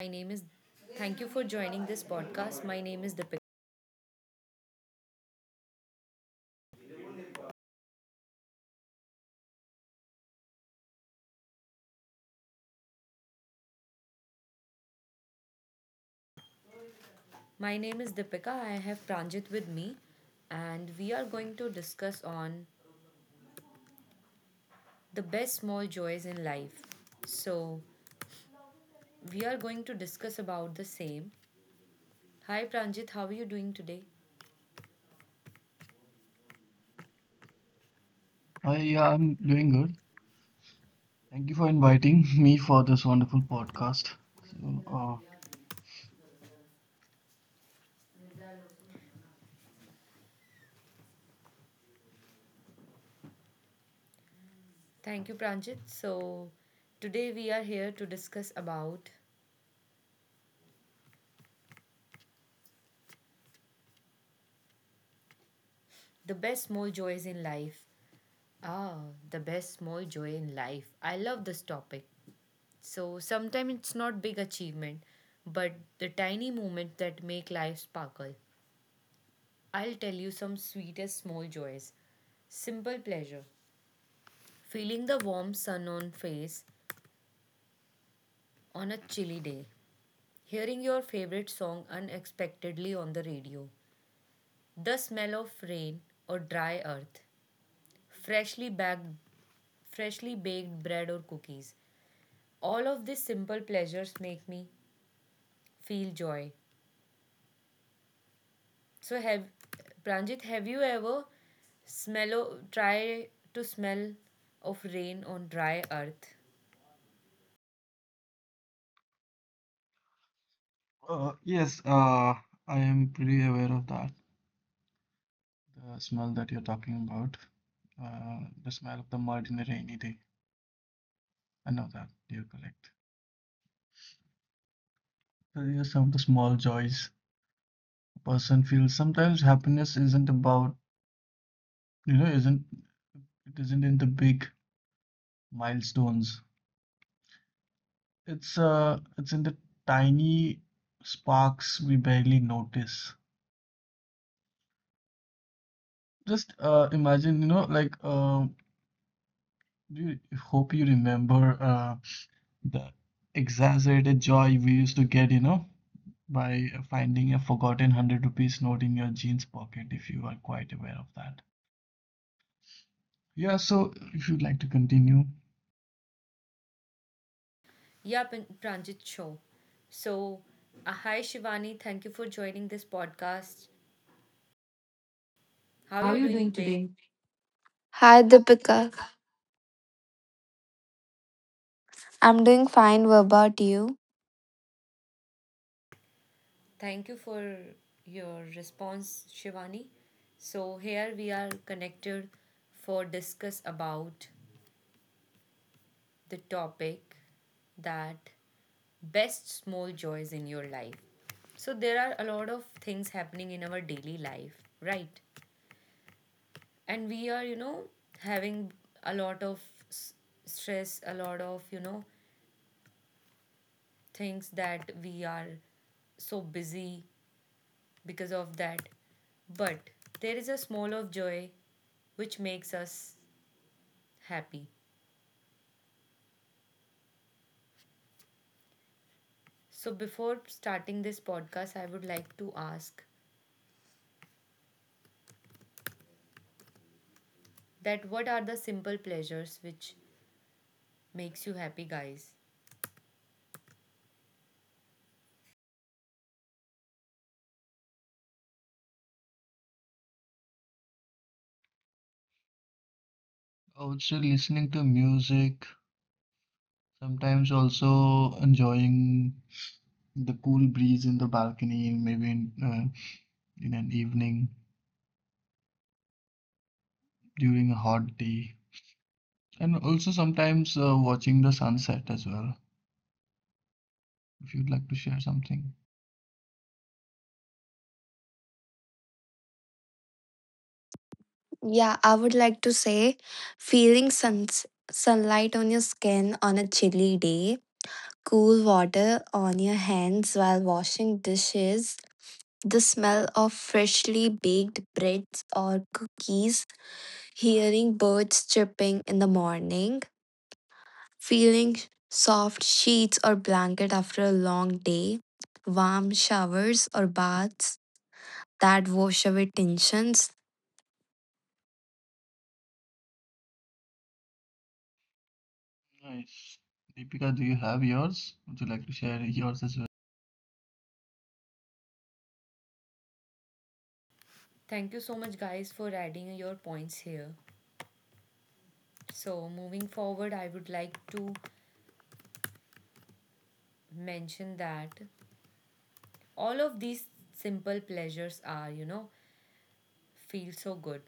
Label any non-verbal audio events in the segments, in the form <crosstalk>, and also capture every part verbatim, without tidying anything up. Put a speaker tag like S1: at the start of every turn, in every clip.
S1: My name is thank you for joining this podcast. My name is Deepika. My name is Deepika. I have Pranjit with me and we are going to discuss on the best small joys in life. So, we are going to discuss about the same. Hi Pranjit, how are you doing today?
S2: Hi, yeah, I'm doing good. Thank you for inviting <laughs> me for this wonderful podcast. So,
S1: Thank you Pranjit. So, today we are here to discuss about the best small joys in life. Ah, the best small joy in life. I love this topic. So sometimes it's not big achievement, but the tiny moments that make life sparkle. I'll tell you some sweetest small joys. Simple pleasure. Feeling the warm sun on face on a chilly day. Hearing your favorite song unexpectedly on the radio. The smell of rain or dry earth. Freshly baked freshly baked bread or cookies. All of these simple pleasures make me feel joy. So have Pranjit, have you ever smell o- try to smell of rain on dry earth?
S2: uh, uh, yes, uh, I am pretty aware of that, the smell that you're talking about, uh, the smell of the mud in a rainy day. I know that, you're correct. So, yes, some of the small joys a person feels. Sometimes happiness isn't about, you know, isn't it isn't in the big milestones. It's uh, it's in the tiny sparks we barely notice. Just uh, imagine, you know, like um, you hope you remember uh, the exaggerated joy we used to get, you know, by finding a forgotten hundred rupees note in your jeans pocket, if you are quite aware of that. Yeah, so if you'd like to continue,
S1: Yeah, Pan- Pranjit, show. So, uh, hi Shivani, thank you for joining this podcast. How are
S3: How are
S1: you
S3: you
S1: doing
S3: doing
S1: today?
S3: today? Hi Deepika, I'm doing fine. What about you?
S1: Thank you for your response, Shivani. So here we are connected for discuss about the topic that best small joys in your life. So there are a lot of things happening in our daily life, right? And we are, you know, having a lot of s- stress, a lot of, you know, things that we are so busy because of that. But there is a small of joy which makes us happy. So before starting this podcast, I would like to ask that what are the simple pleasures which makes you happy, guys?
S2: also listening to music, sometimes also enjoying the cool breeze in the balcony, maybe in, uh, in an evening during a hot day, and also sometimes uh, watching the sunset as well. If you'd like to share something.
S3: Yeah, I would like to say feeling sun- sunlight on your skin on a chilly day, cool water on your hands while washing dishes, the smell of freshly baked breads or cookies, hearing birds chirping in the morning, feeling soft sheets or blanket after a long day, warm showers or baths that wash away tensions.
S2: Nice. Deepika, do you have yours? Would you like to share yours as well?
S1: Thank you so much, guys, for adding your points here. So, moving forward, I would like to mention that all of these simple pleasures are, you know, feel so good.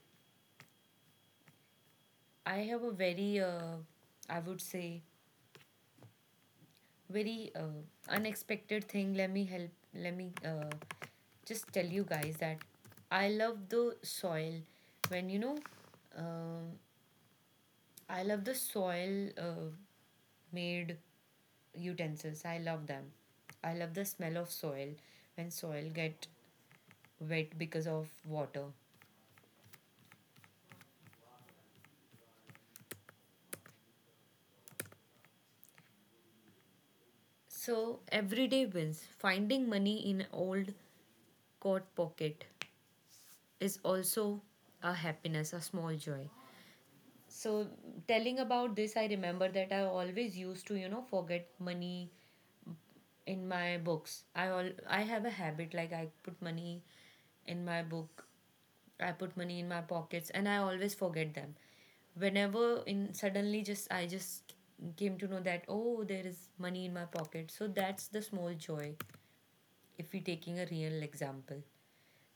S1: I have a very, uh, I would say, very uh, unexpected thing. Let me help, let me uh, just tell you guys that I love the soil when, you know, um I love the soil uh, made utensils. I love them. I love the smell of soil when soil get wet because of water. So everyday wins finding money in old coat pocket is also a happiness, a small joy. So telling about this, I remember that I always used to, you know, forget money in my books. i all I have a habit like I put money in my book. I put money in my pockets and I always forget them. Whenever in suddenly just I just came to know that, oh, there is money in my pocket. So that's the small joy if we taking a real example.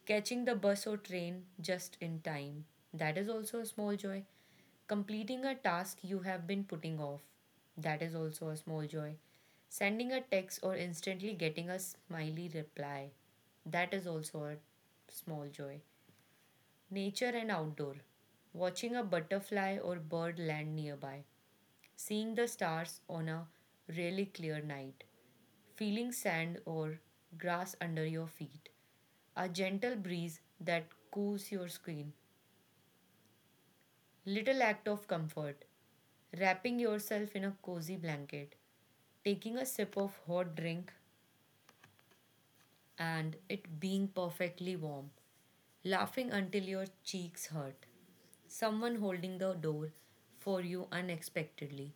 S1: Catching the bus or train just in time. That is also a small joy. Completing a task you have been putting off. That is also a small joy. Sending a text or instantly getting a smiley reply. That is also a small joy. Nature and outdoor. Watching a butterfly or bird land nearby. Seeing the stars on a really clear night. Feeling sand or grass under your feet. A gentle breeze that cools your skin. Little act of comfort. Wrapping yourself in a cozy blanket. Taking a sip of hot drink and it being perfectly warm. Laughing until your cheeks hurt, someone holding the door for you unexpectedly.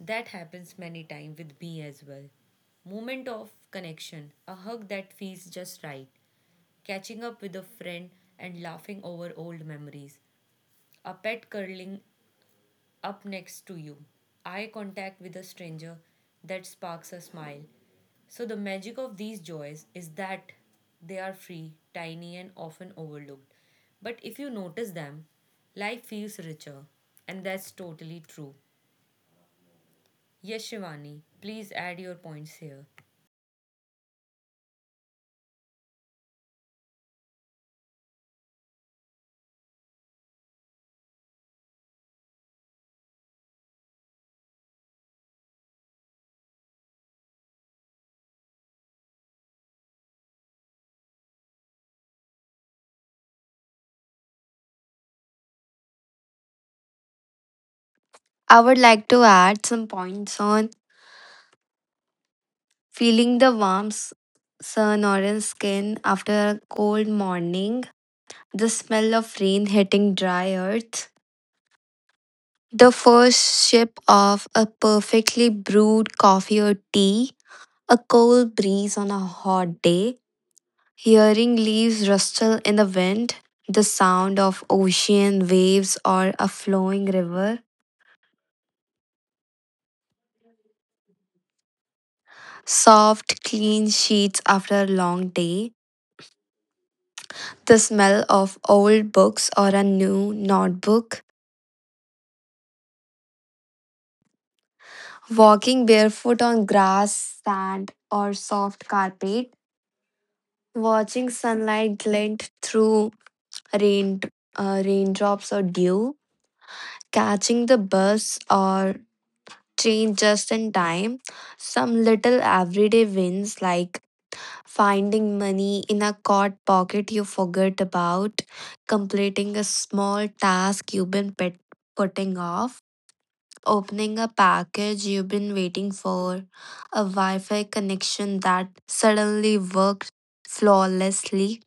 S1: That happens many times with me as well. Moment of connection, a hug that feels just right, catching up with a friend and laughing over old memories, a pet curling up next to you, eye contact with a stranger that sparks a smile. So, the magic of these joys is that they are free, tiny, and often overlooked. But if you notice them, life feels richer. And that's totally true. Yes, Shivani, please add your points here.
S3: I would like to add some points on feeling the warm s- sun or in skin after a cold morning, the smell of rain hitting dry earth, the first sip of a perfectly brewed coffee or tea, a cold breeze on a hot day, hearing leaves rustle in the wind, the sound of ocean waves or a flowing river, soft, clean sheets after a long day, the smell of old books or a new notebook, walking barefoot on grass, sand, or soft carpet, watching sunlight glint through rain, uh, raindrops or dew, catching the bus or train just in time, some little everyday wins like finding money in a coat pocket you forgot about, completing a small task you've been pet- putting off, opening a package you've been waiting for, a Wi Fi connection that suddenly worked flawlessly,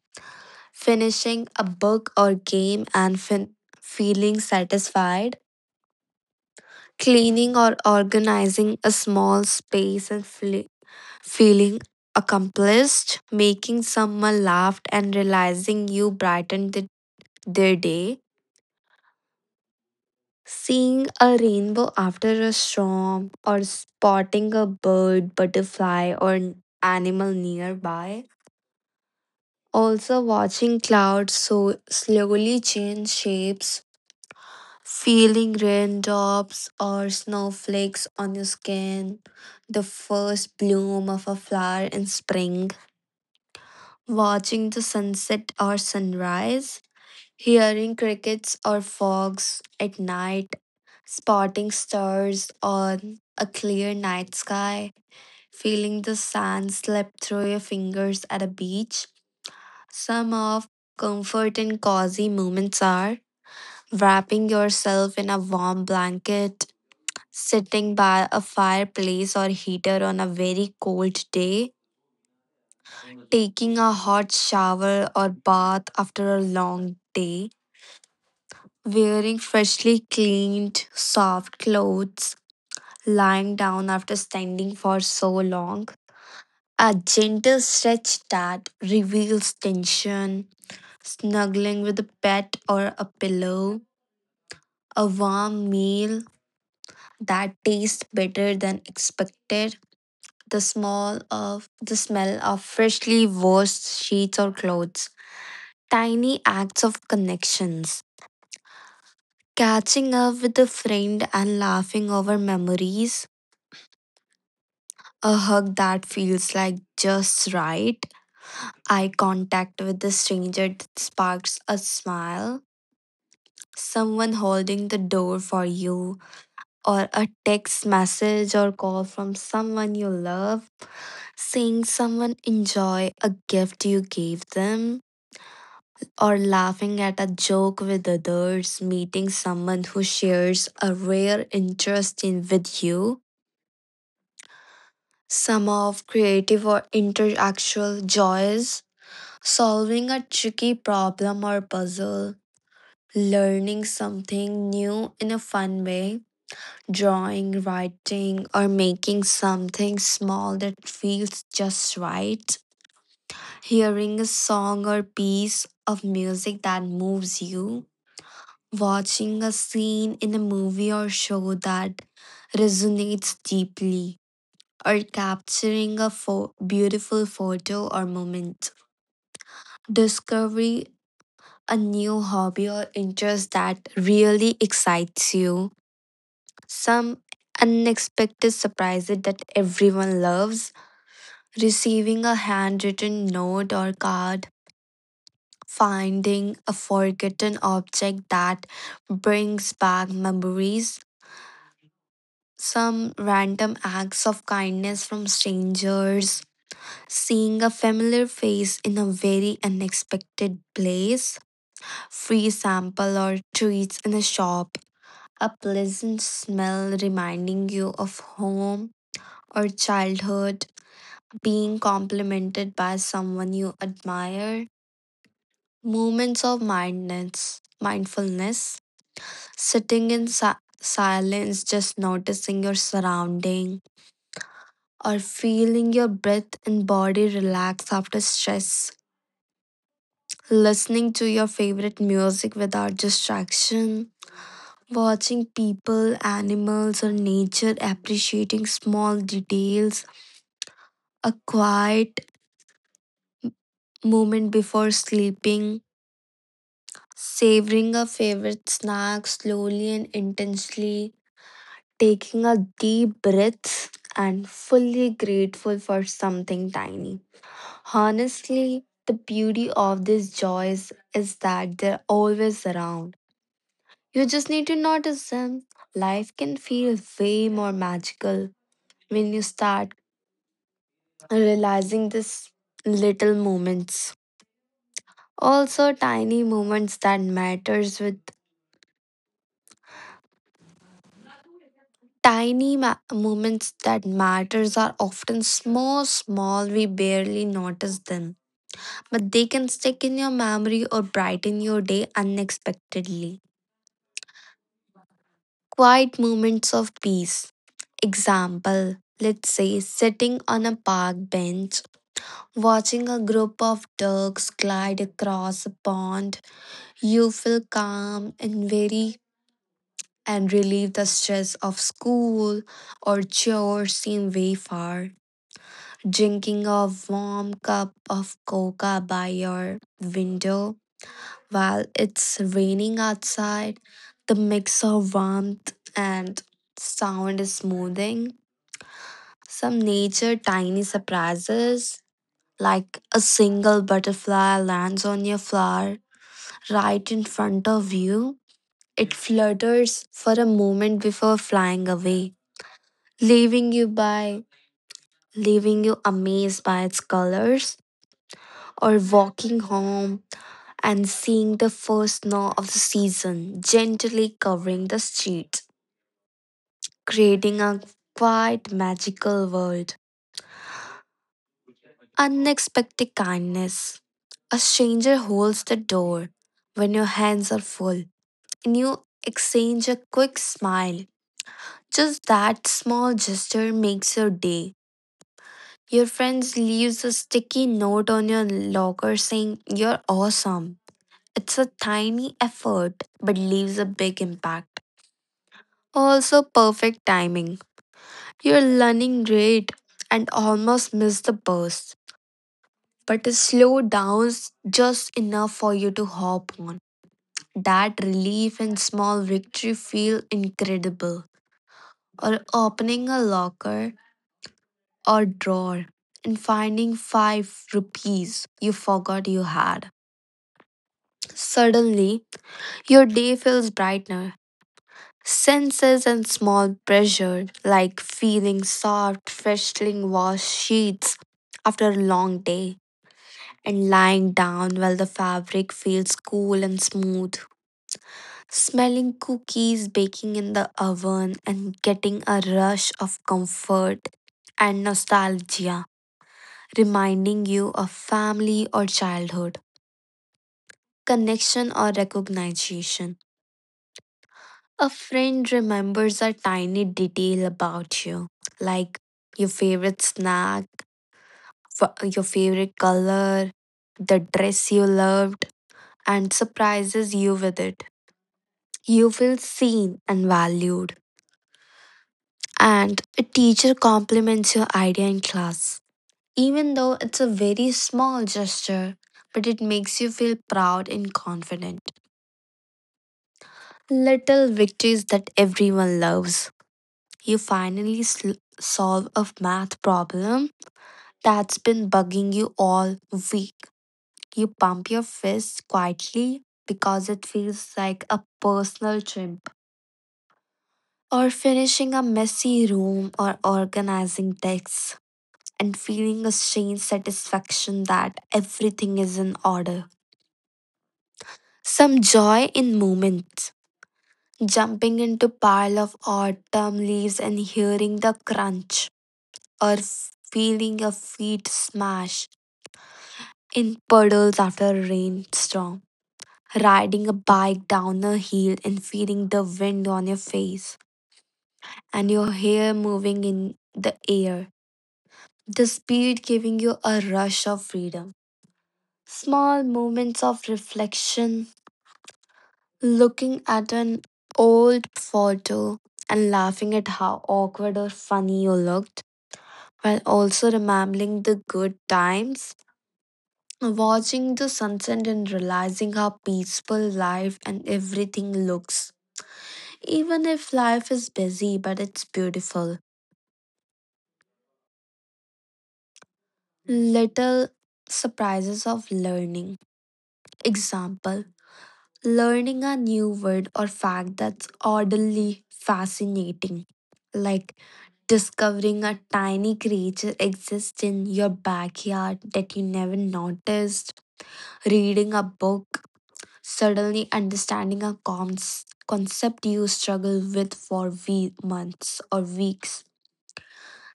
S3: finishing a book or game and fin- feeling satisfied, cleaning or organizing a small space and fle- feeling accomplished, making someone laugh and realizing you brightened the- their day. Seeing a rainbow after a storm, or spotting a bird, butterfly, or an animal nearby. Also, watching clouds so slowly change shapes, feeling raindrops or snowflakes on your skin, the first bloom of a flower in spring, watching the sunset or sunrise, hearing crickets or frogs at night, spotting stars on a clear night sky, feeling the sand slip through your fingers at a beach. Some of comfort and cozy moments are wrapping yourself in a warm blanket, sitting by a fireplace or heater on a very cold day, taking a hot shower or bath after a long day, wearing freshly cleaned, soft clothes, lying down after standing for so long, a gentle stretch that reveals tension, snuggling with a pet or a pillow, a warm meal that tastes better than expected, the smell of the smell of freshly washed sheets or clothes, tiny acts of connections. Catching up with a friend and laughing over memories, a hug that feels like just right. Eye contact with a stranger that sparks a smile. Someone holding the door for you, or a text message or call from someone you love. Seeing someone enjoy a gift you gave them, or laughing at a joke with others. Meeting someone who shares a rare interest in with you. Some of creative or interactual joys, solving a tricky problem or puzzle, learning something new in a fun way, drawing, writing, or making something small that feels just right, hearing a song or piece of music that moves you, watching a scene in a movie or show that resonates deeply. Or capturing a pho- beautiful photo or moment. Discovery a new hobby or interest that really excites you, some unexpected surprises that everyone loves, receiving a handwritten note or card, finding a forgotten object that brings back memories. Some random acts of kindness from strangers, seeing a familiar face in a very unexpected place, free sample or treats in a shop, a pleasant smell reminding you of home or childhood, being complimented by someone you admire, moments of mindness, mindfulness, sitting in si- silence, just noticing your surrounding, or feeling your breath and body relax after stress, listening to your favorite music without distraction. Watching people, animals, or nature, appreciating small details, a quiet moment before sleeping, savoring a favorite snack slowly and intensely, taking a deep breath, and fully grateful for something tiny. Honestly, the beauty of these joys is that they're always around. You just need to notice them. Life can feel way more magical when you start realizing these little moments. Also, tiny moments that matters, with tiny ma- moments that matters are often small, small. We barely notice them, but they can stick in your memory or brighten your day unexpectedly. Quiet moments of peace. Example. Let's say sitting on a park bench, watching a group of ducks glide across a pond, you feel calm and very and relieve the stress of school or chores seem way far. Drinking a warm cup of coca by your window while it's raining outside, the mix of warmth and sound is smoothing. Some nature tiny surprises, like a single butterfly lands on your flower right in front of you. It flutters for a moment before flying away, leaving you by leaving you amazed by its colors, or walking home and seeing the first snow of the season gently covering the street, creating a quite magical world. Unexpected kindness: a stranger holds the door when your hands are full and you exchange a quick smile. Just that small gesture makes your day. Your friends leaves a sticky note on your locker saying you're awesome. It's a tiny effort but leaves a big impact. Also perfect timing. You're learning great and almost miss the bus, but it slow downs just enough for you to hop on. That relief and small victory feel incredible. Or opening a locker or drawer and finding five rupees you forgot you had. Suddenly, your day feels brighter. Senses and small pressure, like feeling soft, freshly washed sheets after a long day, and lying down while the fabric feels cool and smooth. Smelling cookies baking in the oven and getting a rush of comfort and nostalgia, reminding you of family or childhood, connection or recognition. A friend remembers a tiny detail about you, like your favorite snack, f- your favorite color, the dress you loved, and surprises you with it. You feel seen and valued. And a teacher compliments your idea in class. Even though it's a very small gesture, but it makes you feel proud and confident. Little victories that everyone loves. You finally sl- solve a math problem that's been bugging you all week. You pump your fist quietly because it feels like a personal triumph. Or finishing a messy room or organizing texts and feeling a strange satisfaction that everything is in order. Some joy in moments, jumping into pile of autumn leaves and hearing the crunch, or feeling your feet smash in puddles after a rainstorm, riding a bike down a hill and feeling the wind on your face and your hair moving in the air, the speed giving you a rush of freedom. Small moments of reflection, looking at an old photo and laughing at how awkward or funny you looked, while also remembering the good times. Watching the sunset and realizing how peaceful life and everything looks. Even if life is busy, but it's beautiful. Little surprises of learning. Example: learning a new word or fact that's oddly fascinating. Like discovering a tiny creature exists in your backyard that you never noticed, reading a book suddenly understanding a cons- concept you struggle with for we- months or weeks.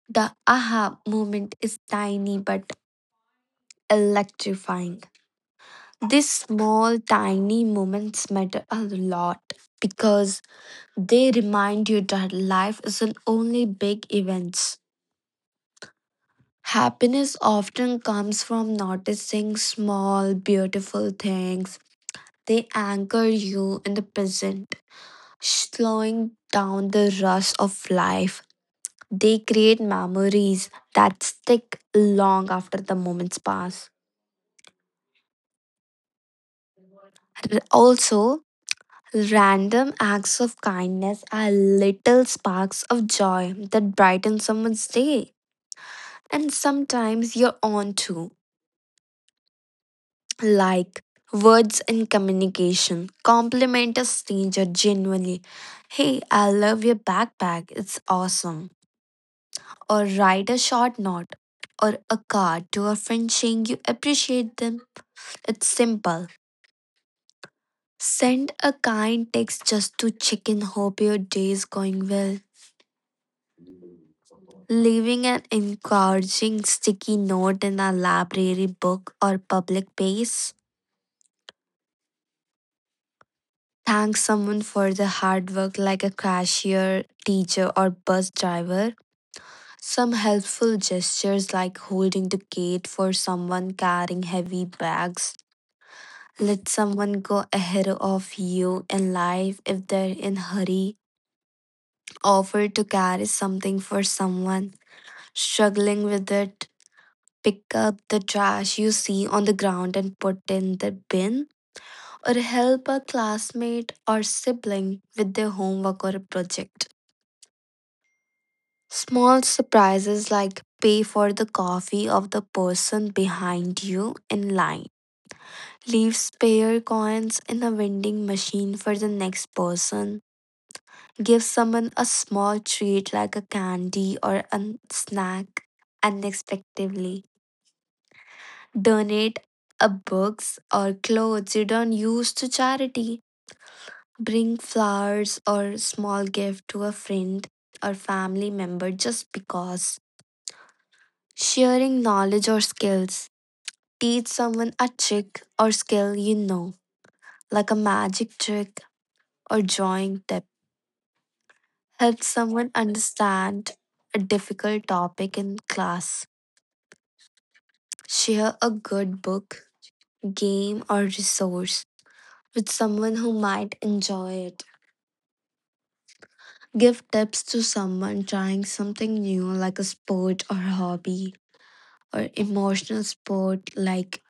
S3: The aha moment is tiny but electrifying. These small, tiny moments matter a lot because they remind you that life isn't only big events. Happiness often comes from noticing small, beautiful things. They anchor you in the present, slowing down the rush of life. They create memories that stick long after the moments pass. R- Also, random acts of kindness are little sparks of joy that brighten someone's day, and sometimes you're on to like words and communication. Compliment a stranger genuinely. Hey, I love your backpack. It's awesome. Or write a short note or a card to a friend saying you appreciate them. It's simple. Send a kind text just to check in, hope your day is going well. Leaving an encouraging sticky note in a library book or public place. Thank someone for the hard work, like a cashier, teacher, or bus driver. Some helpful gestures, like holding the gate for someone carrying heavy bags, let someone go ahead of you in life if they're in hurry. Offer to carry something for someone struggling with it. Pick up the trash you see on the ground and put in the bin, or help a classmate or sibling with their homework or a project. Small surprises like pay for the coffee of the person behind you in line. Leave spare coins in a vending machine for the next person. Give someone a small treat like a candy or a snack unexpectedly. Donate a books or clothes you don't use to charity. Bring flowers or small gift to a friend or family member just because. Sharing knowledge or skills. Teach someone a trick or skill you know, like a magic trick or drawing tip. Help someone understand a difficult topic in class. Share a good book, game, or resource with someone who might enjoy it. Give tips to someone trying something new, like a sport or hobby, or emotional sport, like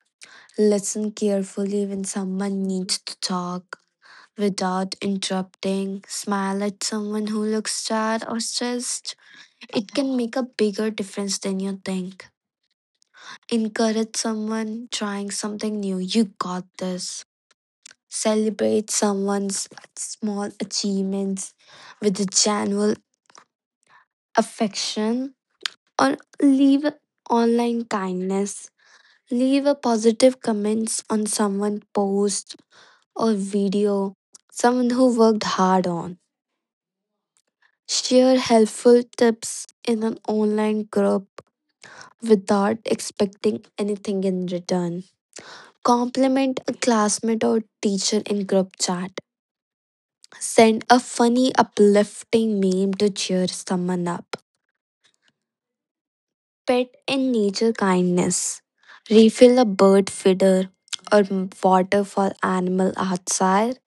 S3: listen carefully when someone needs to talk without interrupting, smile at someone who looks sad or stressed. It can make a bigger difference than you think. Encourage someone trying something new. You got this. Celebrate someone's small achievements with a genuine affection or leave online kindness. Leave a positive comments on someone's post or video someone who worked hard on. Share helpful tips in an online group without expecting anything in return. Compliment a classmate or teacher in group chat. Send a funny, uplifting meme to cheer someone up. Pet and nature kindness. Refill a bird feeder or water for animal outside.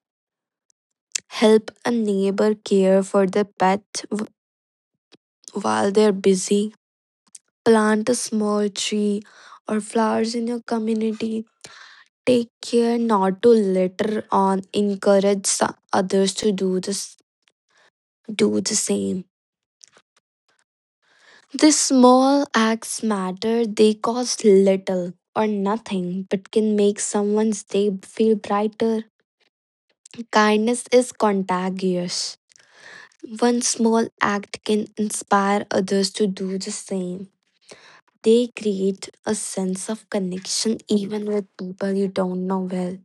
S3: Help a neighbor care for their pet w- while they're busy. Plant a small tree or flowers in your community. Take care not to litter on. Encourage so- others to do this, do the same. These small acts matter, they cost little or nothing but can make someone's day feel brighter. Kindness is contagious. One small act can inspire others to do the same. They create a sense of connection even with people you don't know well.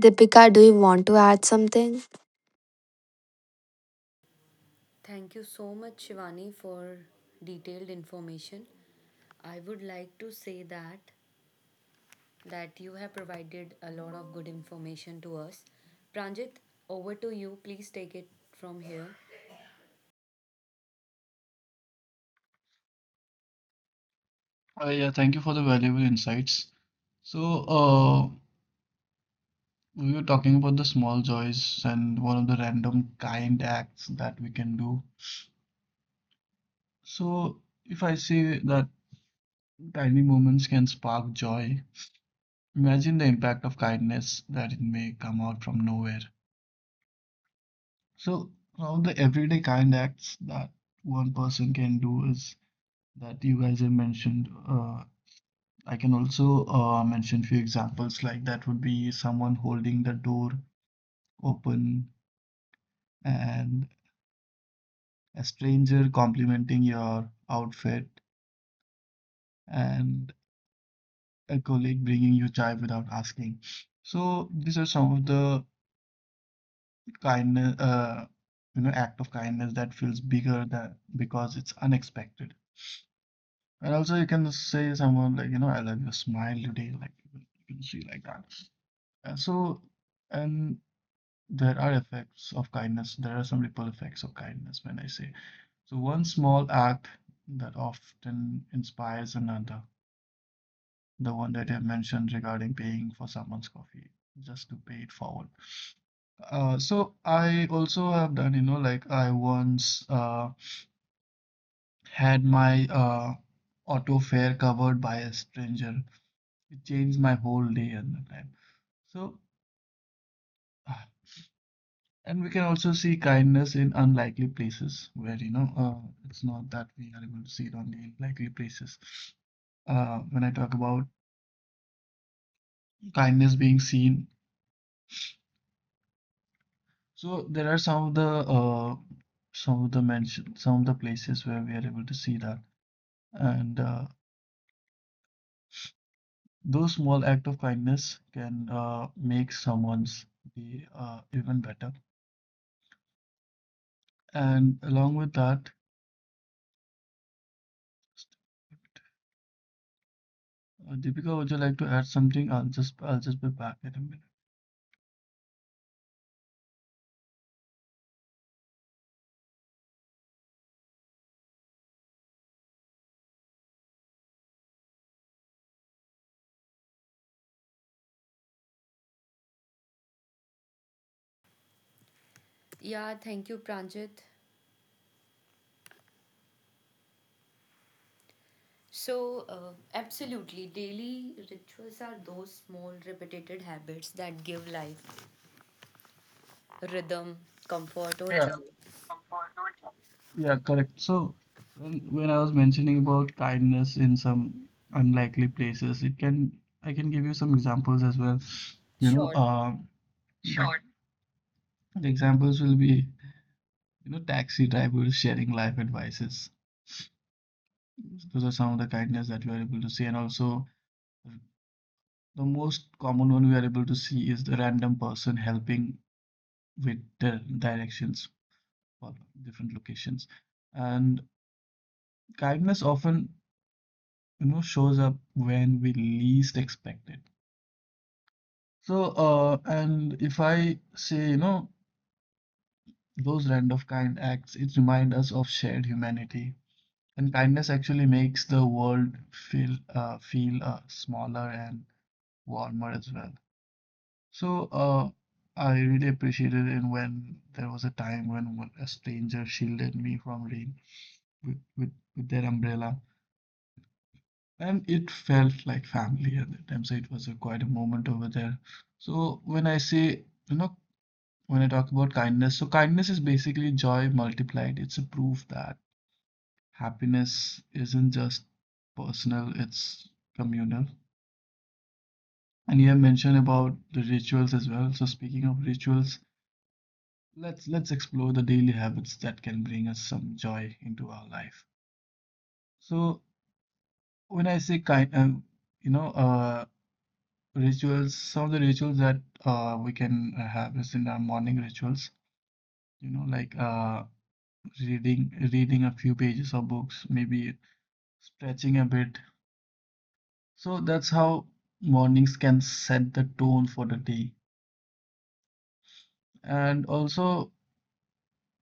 S3: Deepika, do you want to add something?
S1: Thank you so much, Shivani, for detailed information. I would like to say that that you have provided a lot of good information to us. Pranjit, over to you. Please take it from here.
S2: Uh, yeah, thank you for the valuable insights. So, uh, we were talking about the small joys and one of the random kind acts that we can do. So, if I say that tiny moments can spark joy, imagine the impact of kindness that it may come out from nowhere. So, one of the everyday kind acts that one person can do is that you guys have mentioned, uh, I can also uh, mention few examples like that would be someone holding the door open, and a stranger complimenting your outfit, and a colleague bringing you chai without asking. So these are some of the kindness, uh, you know, act of kindness that feels bigger than because it's unexpected. And also you can say someone like, you know, I love your smile today, like you can see like that. Uh, so and there are effects of kindness. There are some ripple effects of kindness when I say. So one small act that often inspires another, the one that I mentioned regarding paying for someone's coffee, just to pay it forward. Uh, so, I also have done, you know, like I once uh, had my uh, auto fare covered by a stranger. It changed my whole day at the time. So And we can also see kindness in unlikely places where, you know, uh, it's not that we are able to see it on the likely places. Uh, when I talk about kindness being seen, so there are some of the uh, some of the mention, some of the places where we are able to see that, and uh, those small act of kindness can uh, make someone's day uh, even better. And along with that, uh, Deepika, would you like to add something? I'll just I'll just be back in a minute.
S1: Yeah, thank you, Pranjit. So, uh, absolutely, daily rituals are those small, repeated habits that give life rhythm, comfort, or joy.
S2: Yeah, correct. So when when I was mentioning about kindness in some unlikely places, it can I can give you some examples as well. You know,
S1: Sure.
S2: uh, the, the examples will be, you know taxi drivers sharing life advices. Those are some of the kindness that we are able to see, and also the most common one we are able to see is the random person helping with the directions for different locations. And kindness often you know shows up when we least expect it. So, uh and if I say, you know those random kind acts, it reminds us of shared humanity, and kindness actually makes the world feel uh, feel uh, smaller and warmer as well. So uh I really appreciated it when there was a time when one- a stranger shielded me from rain with with, with their umbrella, and it felt like family at the time. So it was a quite a moment over there. So when I say, you know when I talk about kindness so kindness is basically joy multiplied. It's a proof that happiness isn't just personal, it's communal. And you have mentioned about the rituals as well. So, speaking of rituals, let's let's explore the daily habits that can bring us some joy into our life. So when I say kind um, you know uh, rituals, some of the rituals that uh, we can uh, have is in our morning rituals, you know, like uh, reading reading a few pages of books, maybe stretching a bit. So that's how mornings can set the tone for the day. And also,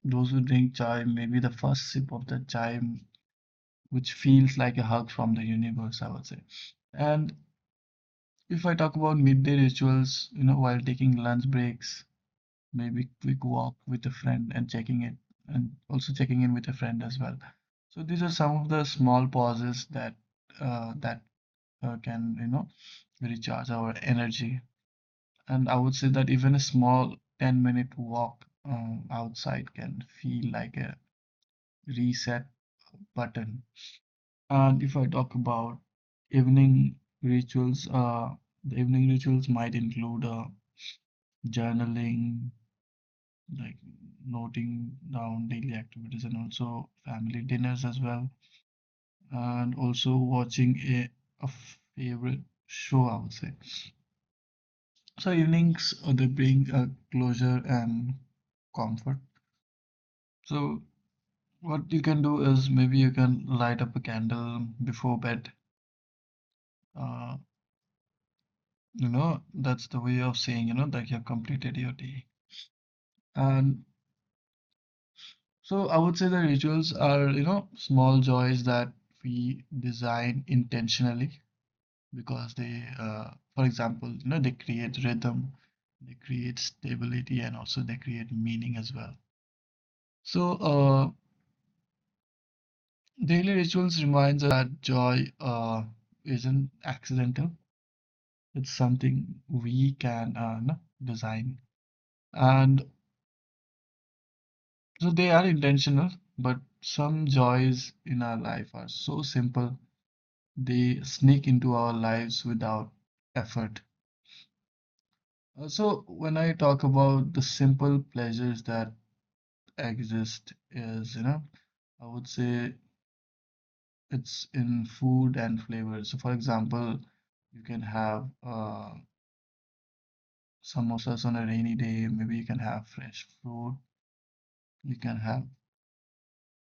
S2: those who drink chai, maybe the first sip of the chai, which feels like a hug from the universe, I would say. And if I talk about midday rituals, you know, while taking lunch breaks, maybe quick walk with a friend and checking in, and also checking in with a friend as well. So these are some of the small pauses that uh, that uh, can you know recharge our energy, and I would say that even a small ten minute walk um, outside can feel like a reset button. And if I talk about evening rituals, uh, the evening rituals might include uh, journaling, like noting down daily activities, and also family dinners as well, and also watching a, a favorite show, I would say. So evenings, uh, they bring a closure and comfort. So what you can do is maybe you can light up a candle before bed. Uh, you know, that's the way of saying, you know, that you have completed your day. And so I would say the rituals are, you know, small joys that we design intentionally, because they, uh, for example, you know, they create rhythm, they create stability, and also they create meaning as well. So, uh, daily rituals reminds us that joy uh, isn't accidental. It's something we can, uh, no, design, and so they are intentional. But some joys in our life are so simple they sneak into our lives without effort. Uh, So, when I talk about the simple pleasures that exist is, you know, I would say it's in food and flavor. So, for example, you can have uh, samosas on a rainy day. Maybe you can have fresh fruit. You can have,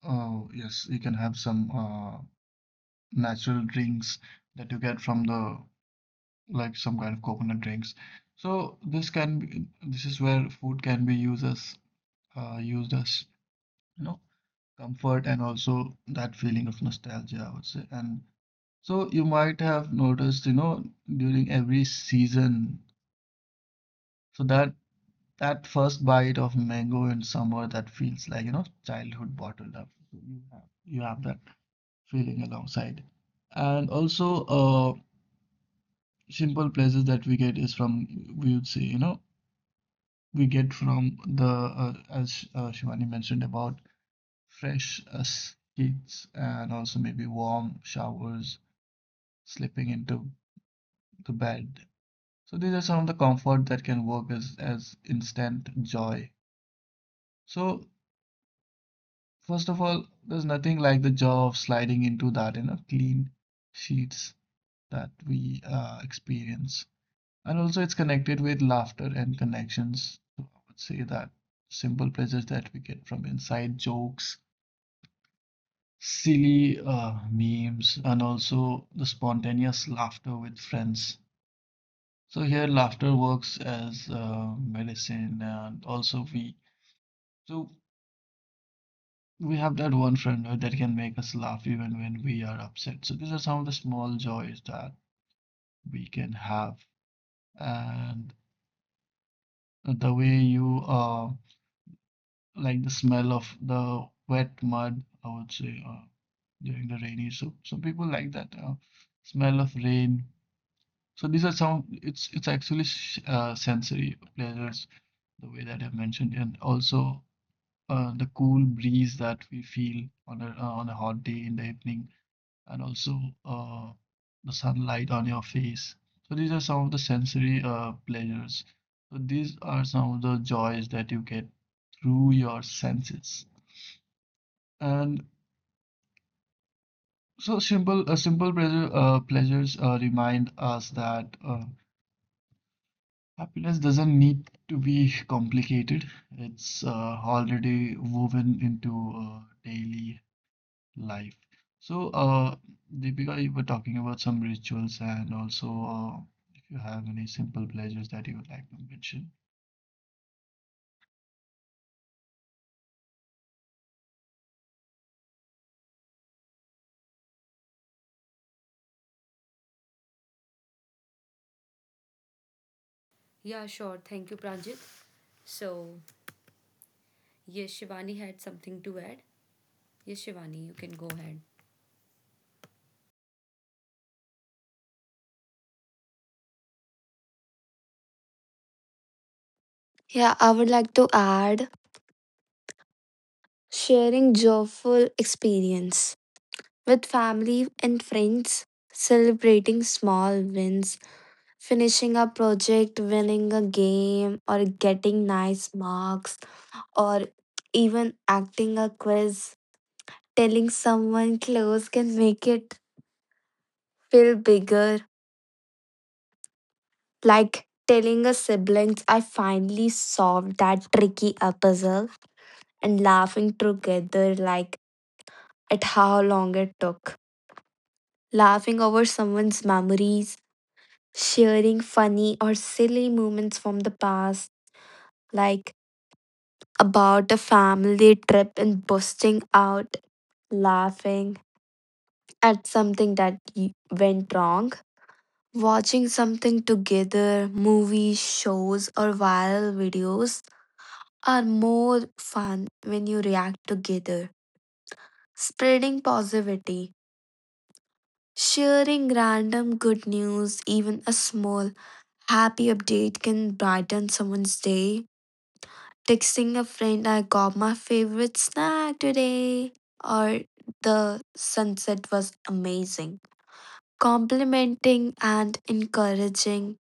S2: oh, yes, you can have some uh, natural drinks that you get from the, like some kind of coconut drinks. So this can be, this is where food can be used as, uh, used as, you know, comfort, and also that feeling of nostalgia, I would say. And so you might have noticed, you know, during every season, so that that first bite of mango in summer that feels like, you know, childhood bottled up. So You have you have that feeling alongside. And also, uh, simple pleasures that we get is from, we would say, you know, we get from the, uh, as uh, Shivani mentioned, about fresh uh, sheets, and also maybe warm showers, slipping into the bed. So these are some of the comfort that can work as as instant joy. So first of all, there's nothing like the joy of sliding into that, you know, clean sheets that we uh, experience. And also it's connected with laughter and connections. So I would say that simple pleasures that we get from inside jokes, silly uh, memes, and also the spontaneous laughter with friends. So here laughter works as uh, medicine, and also we so we have that one friend uh, that can make us laugh even when we are upset. So these are some of the small joys that we can have. And the way you uh like the smell of the wet mud, I would say, uh, during the rainy. So some people like that uh, smell of rain. So these are some. It's it's actually uh, sensory pleasures the way that I mentioned, and also uh, the cool breeze that we feel on a uh, on a hot day in the evening, and also uh, the sunlight on your face. So these are some of the sensory uh, pleasures. So these are some of the joys that you get through your senses. And so simple, uh, simple pleasure, uh, pleasures uh, remind us that uh, happiness doesn't need to be complicated. It's uh, already woven into uh, daily life. So, uh, Deepika, you were talking about some rituals, and also uh, if you have any simple pleasures that you would like to mention.
S1: Yeah, sure. Thank you, Pranjit. So, yes, Shivani had something to add. Yes, Shivani, you can go ahead.
S3: Yeah, I would like to add sharing joyful experience with family and friends, celebrating small wins, finishing a project, winning a game, or getting nice marks, or even acting a quiz. Telling someone close can make it feel bigger, like telling a siblings I finally solved that tricky uh, puzzle and laughing together like at how long it took. Laughing over someone's memories sharing funny or silly moments from the past, like about a family trip and busting out laughing at something that y- went wrong, watching something together, movies, shows, or viral videos are more fun when you react together. Spreading positivity, sharing random good news, even a small happy update can brighten someone's day. Texting a friend, I got my favorite snack today, or the sunset was amazing. Complimenting and encouraging,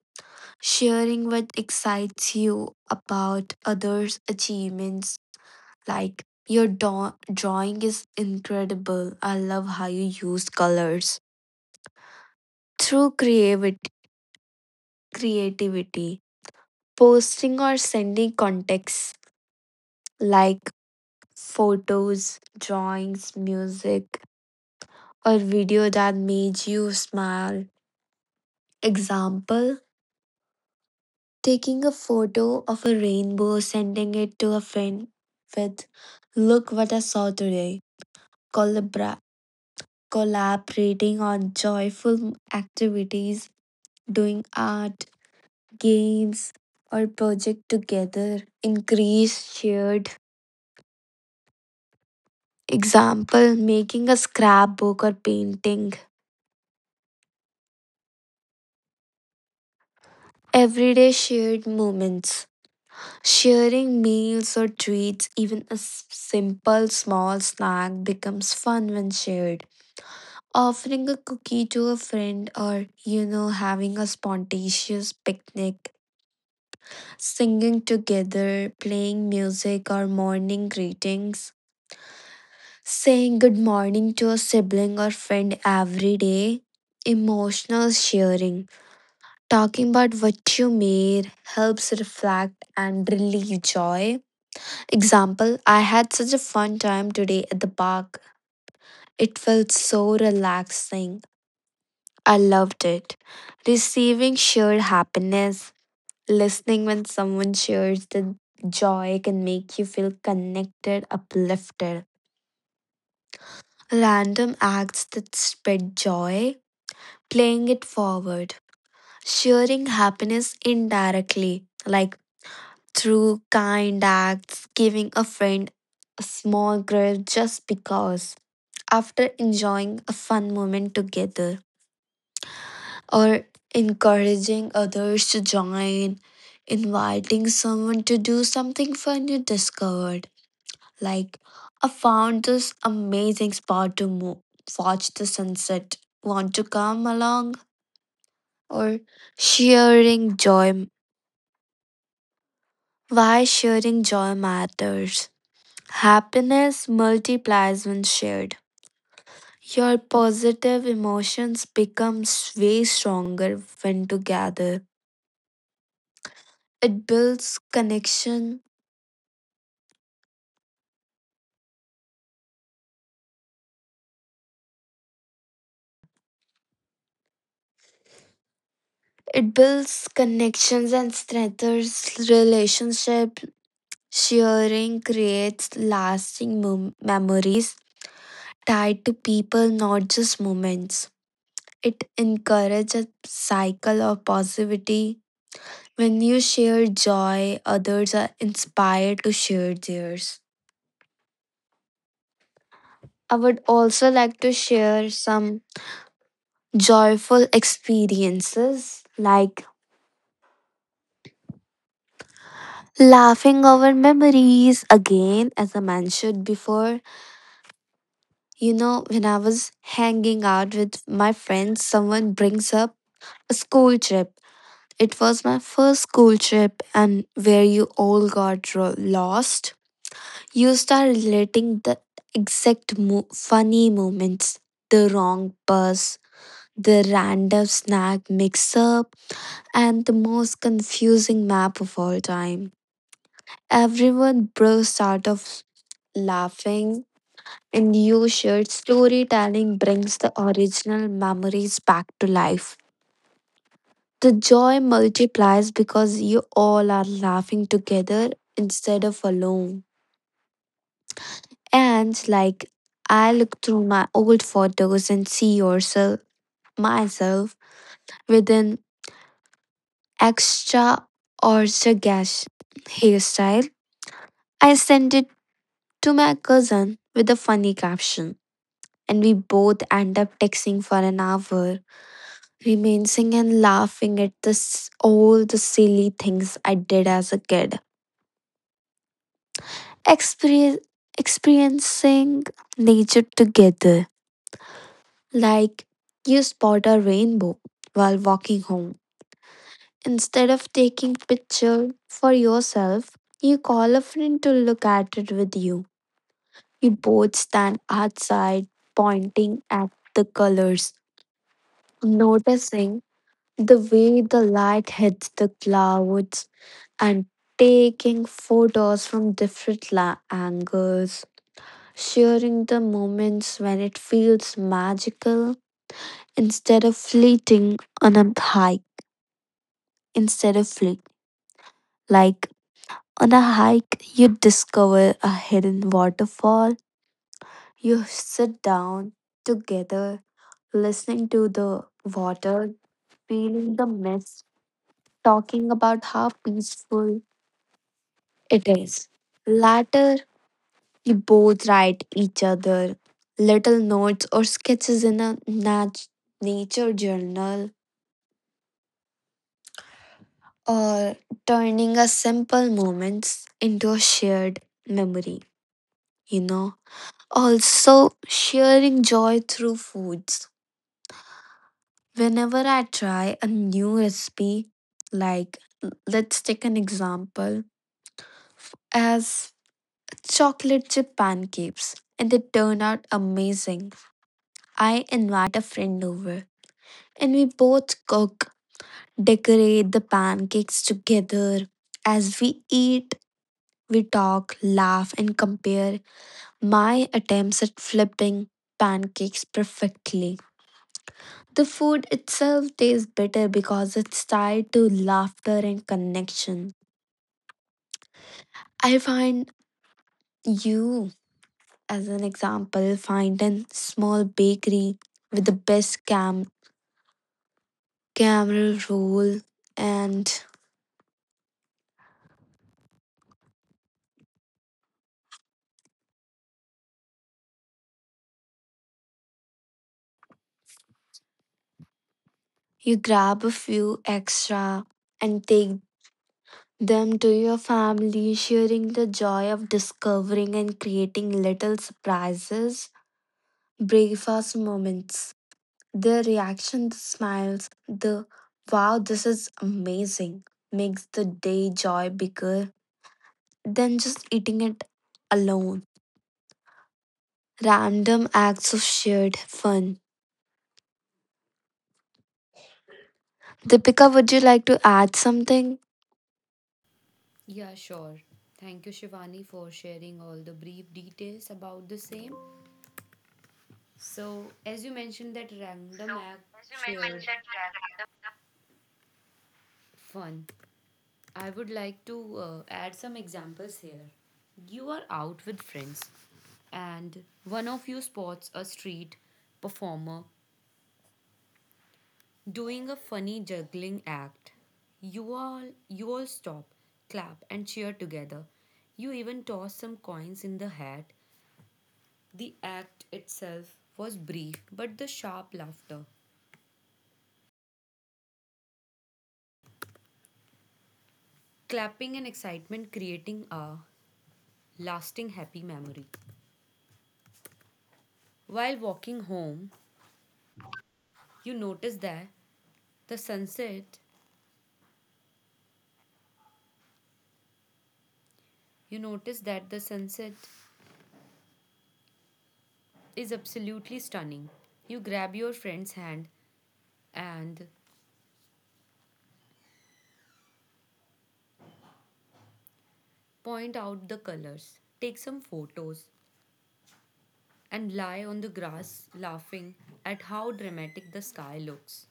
S3: sharing what excites you about others' achievements, like your daw- drawing is incredible. I love how you use colors. Through creativity, creativity, posting or sending contacts like photos, drawings, music, or video that made you smile. Example taking a photo of a rainbow, sending it to a friend with, Look what I saw today. Collabra- collaborating on joyful activities, doing art, games, or project together. Increase shared. Example making a scrapbook or painting. Everyday shared moments. Sharing meals or treats, even a s- simple small snack, becomes fun when shared. Offering a cookie to a friend, or you know, having a spontaneous picnic, singing together, playing music, or morning greetings, saying good morning to a sibling or friend every day. Emotional sharing, talking about what you made, helps reflect and relieve joy Example I had such a fun time today at the park. It felt so relaxing. I loved it. Receiving shared happiness, listening when someone shares the joy can make you feel connected, uplifted. Random acts that spread joy, playing it forward, sharing happiness indirectly, like through kind acts, giving a friend a small grudge just because after enjoying a fun moment together or encouraging others to join, inviting someone to do something fun you discovered. Like, I found this amazing spot to move, watch the sunset. Want to come along? Or sharing joy. Why sharing joy matters. Happiness multiplies when shared. Your positive emotions becomes way stronger when together. It builds connection. It builds connections and strengthens relationship. Sharing creates lasting mem- memories tied to people, not just moments. It encourages a cycle of positivity. When you share joy, others are inspired to share theirs. I would also like to share some joyful experiences like laughing over memories again, as I mentioned before. You know, when I was hanging out with my friends, someone brings up a school trip. It was my first school trip, and where you all got ro- lost. You start relating the exact mo- funny moments, the wrong bus, the random snack mix up, and the most confusing map of all time. Everyone bursts out of laughing, and you shared storytelling brings the original memories back to life. The joy multiplies because you all are laughing together instead of alone. And like I look through my old photos and see yourself myself with an extra or sagacious hairstyle. I send it to my cousin with a funny caption, and we both end up texting for an hour, reminiscing and laughing at this, all the silly things I did as a kid. Experi- experiencing nature together, like you spot a rainbow while walking home. Instead of taking picture for yourself, you call a friend to look at it with you. You both stand outside pointing at the colors noticing the way the light hits the clouds and taking photos from different la- angles, sharing the moments when it feels magical instead of fleeting on a hike, instead of fleet. Like on a hike, you discover a hidden waterfall, you sit down together, listening to the water, feeling the mist, talking about how peaceful it is. Later, you both write each other little notes or sketches in a nat- nature journal or turning a simple moments into a shared memory, you know. Also, sharing joy through foods. Whenever I try a new recipe, like l- let's take an example as chocolate chip pancakes, and they turn out amazing I invite a friend over and we both cook, decorate the pancakes together. As we eat, we talk, laugh, and compare my attempts at flipping pancakes perfectly. The food itself tastes better because it's tied to laughter and connection. I find you, as an example, find a small bakery with the best cam- camera roll and you grab a few extra and take them to your family, sharing the joy of discovering and creating little surprises, breakfast moments. The reaction, the smiles, the wow, this is amazing makes the day joy bigger than just eating it alone. Random acts of shared fun. Deepika, would you like to add something?
S1: Yeah, sure. Thank you, Shivani, for sharing all the brief details about the same. So, as you mentioned, that random act shared fun. I would like to uh, add some examples here. You are out with friends, and one of you spots a street performer doing a funny juggling act. You all you all stop, clap and cheer together. You even toss some coins in the hat. The act itself was brief, but the sharp laughter, clapping and excitement creating a lasting happy memory. While walking home, you notice that the sunset, you notice that the sunset is absolutely stunning. You grab your friend's hand and point out the colors, take some photos, and lie on the grass laughing at how dramatic the sky looks.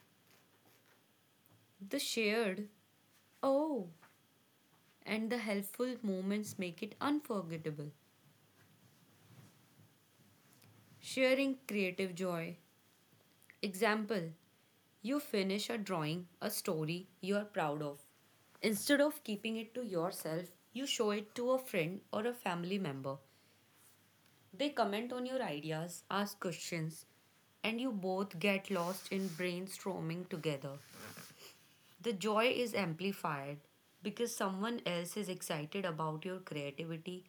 S1: The shared oh and the helpful moments make it unforgettable. Sharing creative joy. Example, you finish a drawing, a story you are proud of. Instead of keeping it to yourself, you show it to a friend or a family member. They comment on your ideas, ask questions, and you both get lost in brainstorming together. The joy is amplified because someone else is excited about your creativity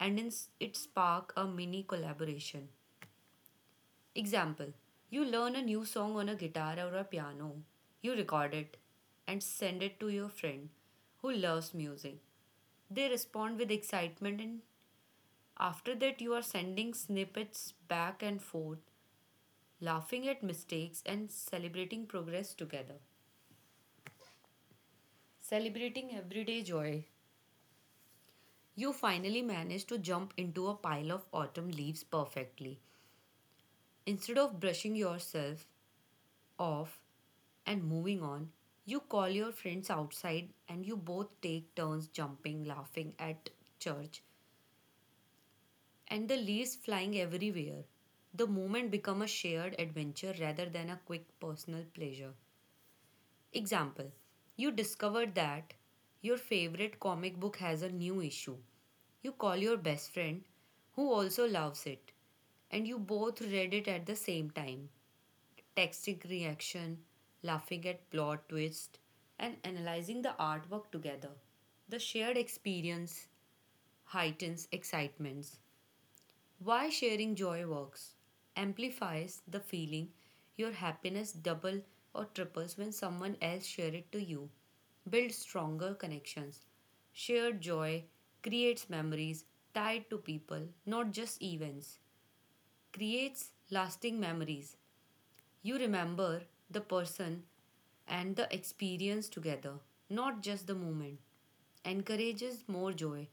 S1: and in it spark a mini collaboration. Example, you learn a new song on a guitar or a piano. You record it and send it to your friend who loves music. They respond with excitement and after that you are sending snippets back and forth, laughing at mistakes, and celebrating progress together. Celebrating everyday joy. You finally managed to jump into a pile of autumn leaves perfectly. Instead of brushing yourself off and moving on, you call your friends outside and you both take turns jumping, laughing at church and the leaves flying everywhere. The moment becomes a shared adventure rather than a quick personal pleasure. Example, you discovered that your favorite comic book has a new issue. You call your best friend, who also loves it, and you both read it at the same time. Texting reaction, laughing at plot twist, and analyzing the artwork together. The shared experience heightens excitements why sharing joy works amplifies the feeling your happiness double or triples when someone else share it to you. Build stronger connections. Shared joy creates memories tied to people, not just events. Creates lasting memories. You remember the person and the experience together, not just the moment encourages more joy.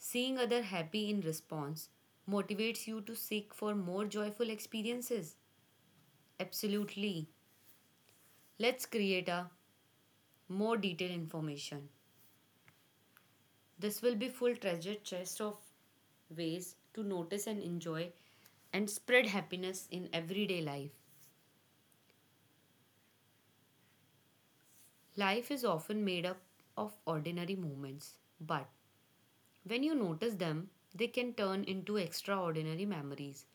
S1: Seeing other happy in response motivates you to seek for more joyful experiences. Absolutely. Let's create a more detailed information. This will be full treasure chest of ways to notice and enjoy and spread happiness in everyday life. Life is often made up of ordinary moments, but when you notice them, they can turn into extraordinary memories.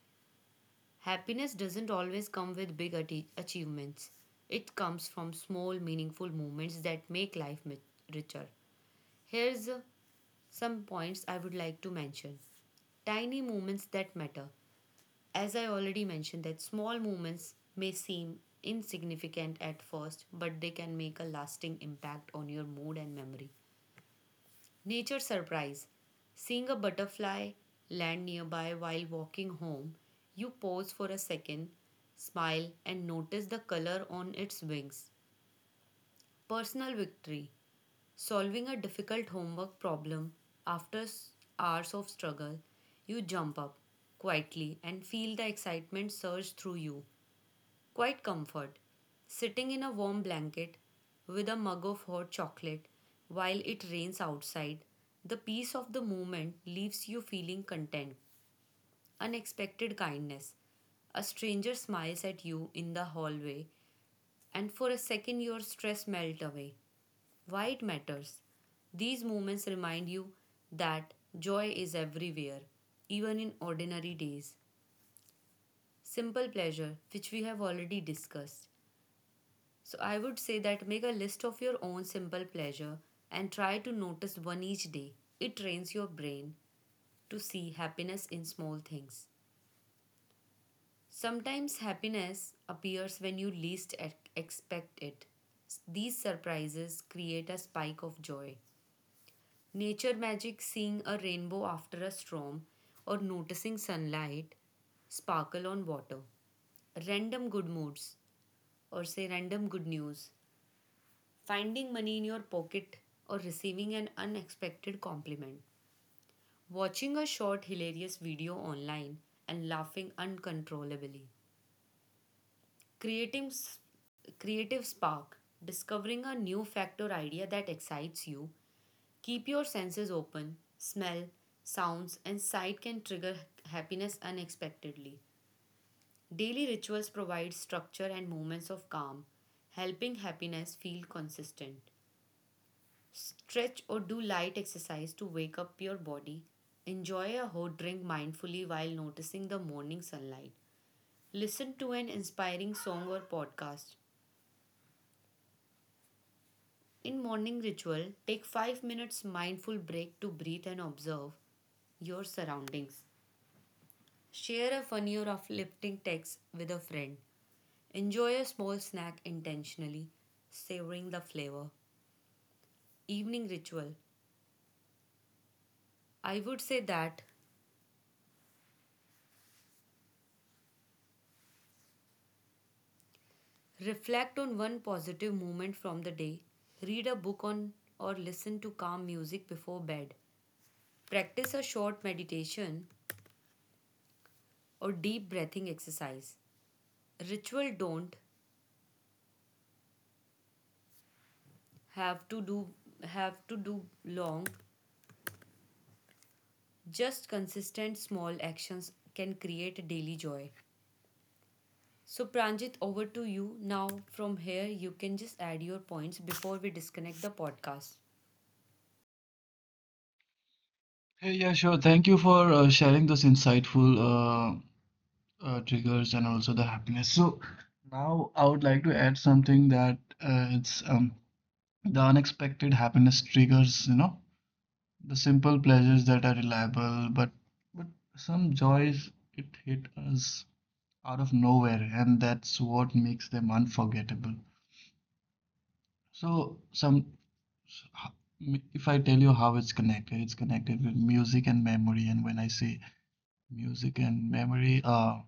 S1: Happiness doesn't always come with big atti- achievements. It comes from small, meaningful moments that make life mi- richer. Here's uh, some points I would like to mention. Tiny moments that matter. As I already mentioned, that small moments may seem insignificant at first, but they can make a lasting impact on your mood and memory. Nature surprise. Seeing a butterfly land nearby while walking home, you pause for a second, smile, and notice the color on its wings. Personal victory. Solving a difficult homework problem after s- hours of struggle, you jump up quietly and feel the excitement surge through you. Quite comfort. Sitting in a warm blanket with a mug of hot chocolate while it rains outside, the peace of the moment leaves you feeling content. Unexpected kindness. A stranger smiles at you in the hallway, and for a second your stress melts away. Why it matters? These moments remind you that joy is everywhere, even in ordinary days. Simple pleasure, which we have already discussed. So I would say that make a list of your own simple pleasure and try to notice one each day. It trains your brain to see happiness in small things. Sometimes happiness appears when you least e- expect it. These surprises create a spike of joy. Nature magic seeing a rainbow after a storm or noticing sunlight sparkle on water. Random good moods or say random good news finding money in your pocket, or receiving an unexpected compliment, watching a short hilarious video online and laughing uncontrollably, creating s- creative spark, discovering a new fact or idea that excites you. Keep your senses open. Smell, sounds, and sight can trigger happiness unexpectedly. Daily rituals provide structure and moments of calm, helping happiness feel consistent. Stretch or do light exercise to wake up your body. Enjoy a hot drink mindfully while noticing the morning sunlight. Listen to an inspiring song or podcast. In morning ritual, take five minutes mindful break to breathe and observe your surroundings. Share a funny or uplifting text with a friend. Enjoy a small snack intentionally, savoring the flavor. Evening ritual. I would say that reflect on one positive moment from the day. Read a book on or listen to calm music before bed. Practice a short meditation or deep breathing exercise. Ritual don't have to do have to do long. Just consistent small actions can create daily joy. So Pranjit over to you now, from here you can just add your points before we disconnect the podcast.
S2: Hey, yeah, sure. Thank you for uh, sharing those insightful uh, uh, triggers and also the happiness. So now I would like to add something that uh, it's um, the unexpected happiness triggers, you know, the simple pleasures that are reliable, but but some joys it hit us out of nowhere, and that's what makes them unforgettable. So some s- ho- m- if I tell you how it's connected, it's connected with music and memory. And when I say, music and memory. Uh,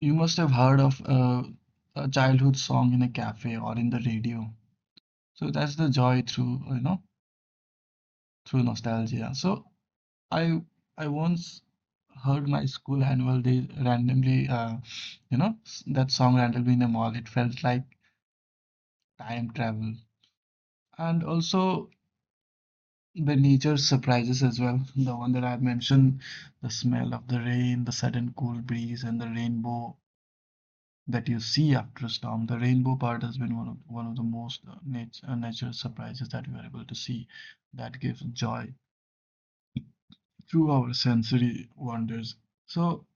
S2: You must have heard of uh, a childhood song in a cafe or in the radio. So that's the joy through, you know, through nostalgia. So I I once heard my school annual day randomly, uh, you know, s- that song randomly in a mall. It felt like time travel. And also the nature surprises as well. The one that I've mentioned, the smell of the rain, the sudden cool breeze, and the rainbow that you see after a storm. The rainbow part has been one of one of the most uh, nat- uh, natural surprises that we are able to see that gives joy through our sensory wonders. So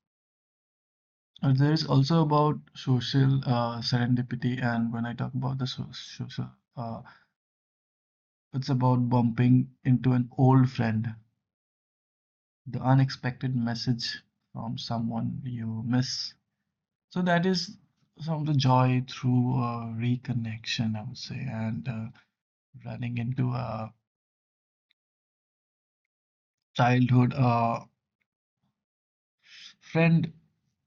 S2: uh, there is also about social uh, serendipity, and when I talk about the so- social, uh, it's about bumping into an old friend, the unexpected message from someone you miss. So that is some of the joy through uh, reconnection, I would say, and Uh, running into a childhood uh, friend,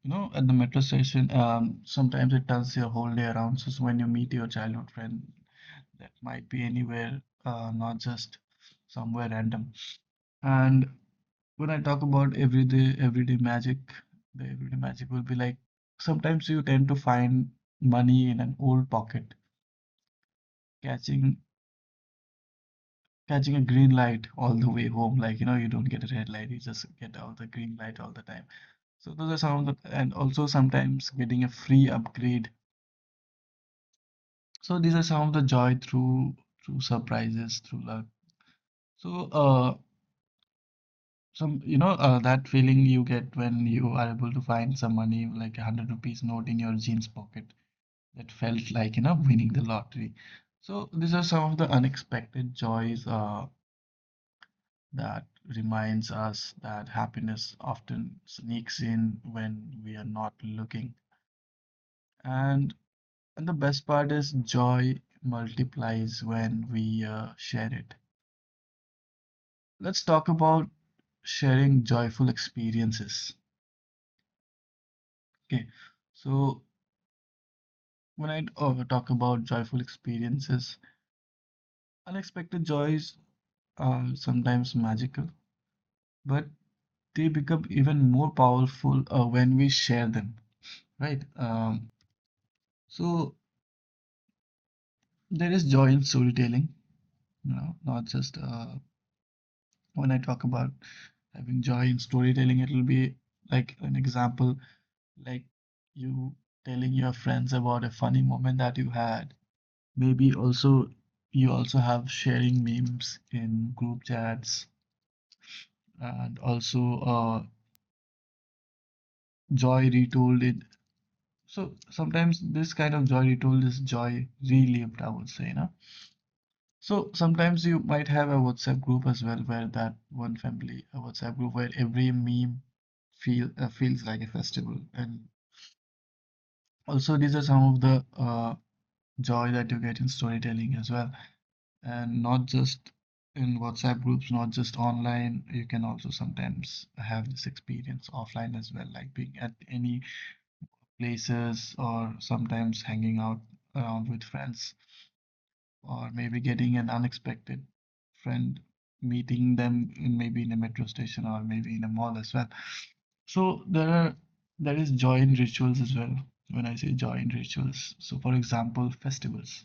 S2: you know, at the metro station. Um, sometimes it turns your whole day around. So so when you meet your childhood friend, that might be anywhere, uh, not just somewhere random. And when I talk about everyday, everyday magic, the everyday magic will be like sometimes you tend to find money in an old pocket, catching catching a green light all the way home. Like, you know, you don't get a red light, you just get all the green light all the time. So those are some of the, and also sometimes getting a free upgrade. So these are some of the joy through through surprises, through luck. So uh some you know uh, that feeling you get when you are able to find some money like a hundred rupees note in your jeans pocket that felt like, you know winning the lottery. So these are some of the unexpected joys uh that reminds us that happiness often sneaks in when we are not looking. And, and the best part is joy multiplies when we uh, share it. Let's talk about sharing joyful experiences. Okay, so when I uh, talk about joyful experiences, unexpected joys are sometimes magical, but they become even more powerful uh, when we share them, right? Um, so There is joy in storytelling, you know, not just uh, when I talk about having joy in storytelling, it'll be like an example, like you telling your friends about a funny moment that you had. Maybe also you also have sharing memes in group chats and also uh, joy retold in. So sometimes this kind of joy retold is joy relived, I would say, you know. So sometimes you might have a WhatsApp group as well, where that one family, a WhatsApp group where every meme feel uh, feels like a festival. And also these are some of the uh, joy that you get in storytelling as well, and not just in WhatsApp groups, not just online. You can also sometimes have this experience offline as well, like being at any places or sometimes hanging out around with friends, or maybe getting an unexpected friend meeting them in maybe in a metro station or maybe in a mall as well. So there are there is joy in rituals as well. When I say joy in rituals, so for example festivals,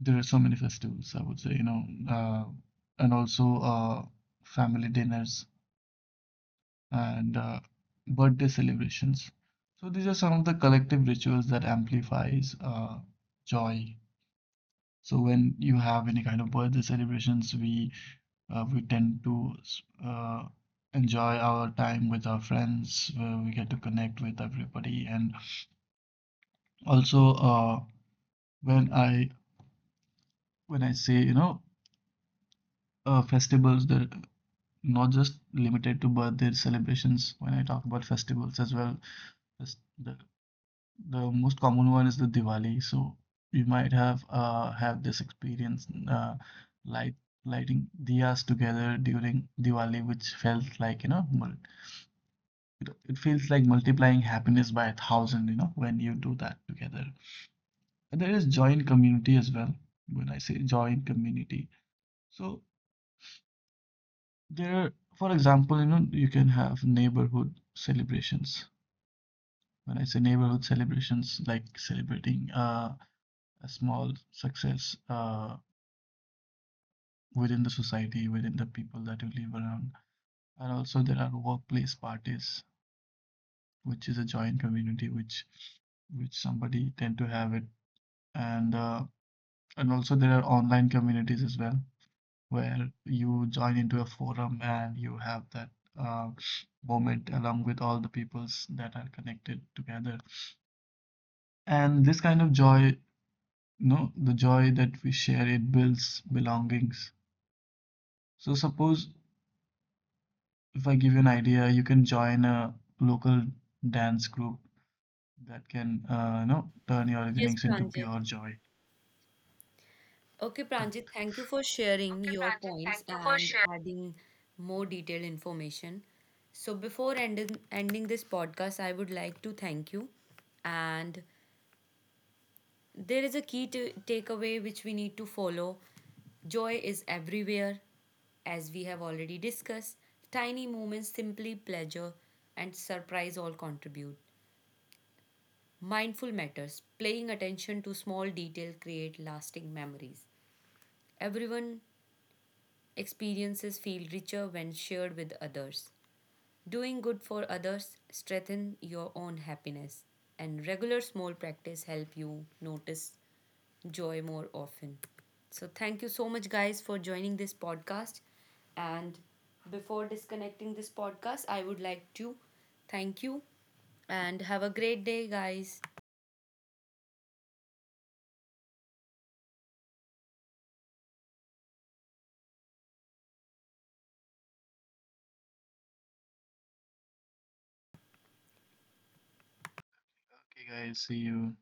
S2: there are so many festivals, I would say, you know uh, and also uh, family dinners and uh, birthday celebrations. So these are some of the collective rituals that amplifies uh, joy. So when you have any kind of birthday celebrations, we uh, we tend to uh, enjoy our time with our friends, where we get to connect with everybody, and also uh, when I when I say, you know uh, festivals, they're not just limited to birthday celebrations. When I talk about festivals as well, fes- the the most common one is the Diwali. So you might have uh have this experience uh light lighting diyas together during Diwali, which felt like, you know mul it feels like multiplying happiness by a thousand, you know, when you do that together. And there is joy in community as well. When I say joy in community, so there, for example, you know, you can have neighborhood celebrations. When I say neighborhood celebrations, like celebrating uh a small success Uh, within the society, within the people that you live around. And also there are workplace parties, which is a joint community which which somebody tend to have it. And uh, and also there are online communities as well where you join into a forum and you have that uh, moment along with all the peoples that are connected together. And this kind of joy, no, the joy that we share, it builds belongings. So suppose if I give you an idea, you can join a local dance group that can, uh, you know, turn your
S1: Yes
S2: evenings into
S1: Pranjit.
S2: pure joy.
S1: Okay, Pranjit,
S2: Correct.
S1: thank you for sharing your points and adding more detailed information. So, before ending, ending this podcast, I would like to thank you. And there is a key to takeaway which we need to follow joy is everywhere, as we have already discussed. Tiny moments, simply pleasure and surprise all contribute. Mindful matters, paying attention to small detail create lasting memories. Everyone experiences feel richer when shared with others. Doing good for others strengthens your own happiness and regular small practice help you notice joy more often. So thank you so much guys for joining this podcast and before disconnecting this podcast I would like to thank you and have a great day guys.
S2: Okay, guys, see you.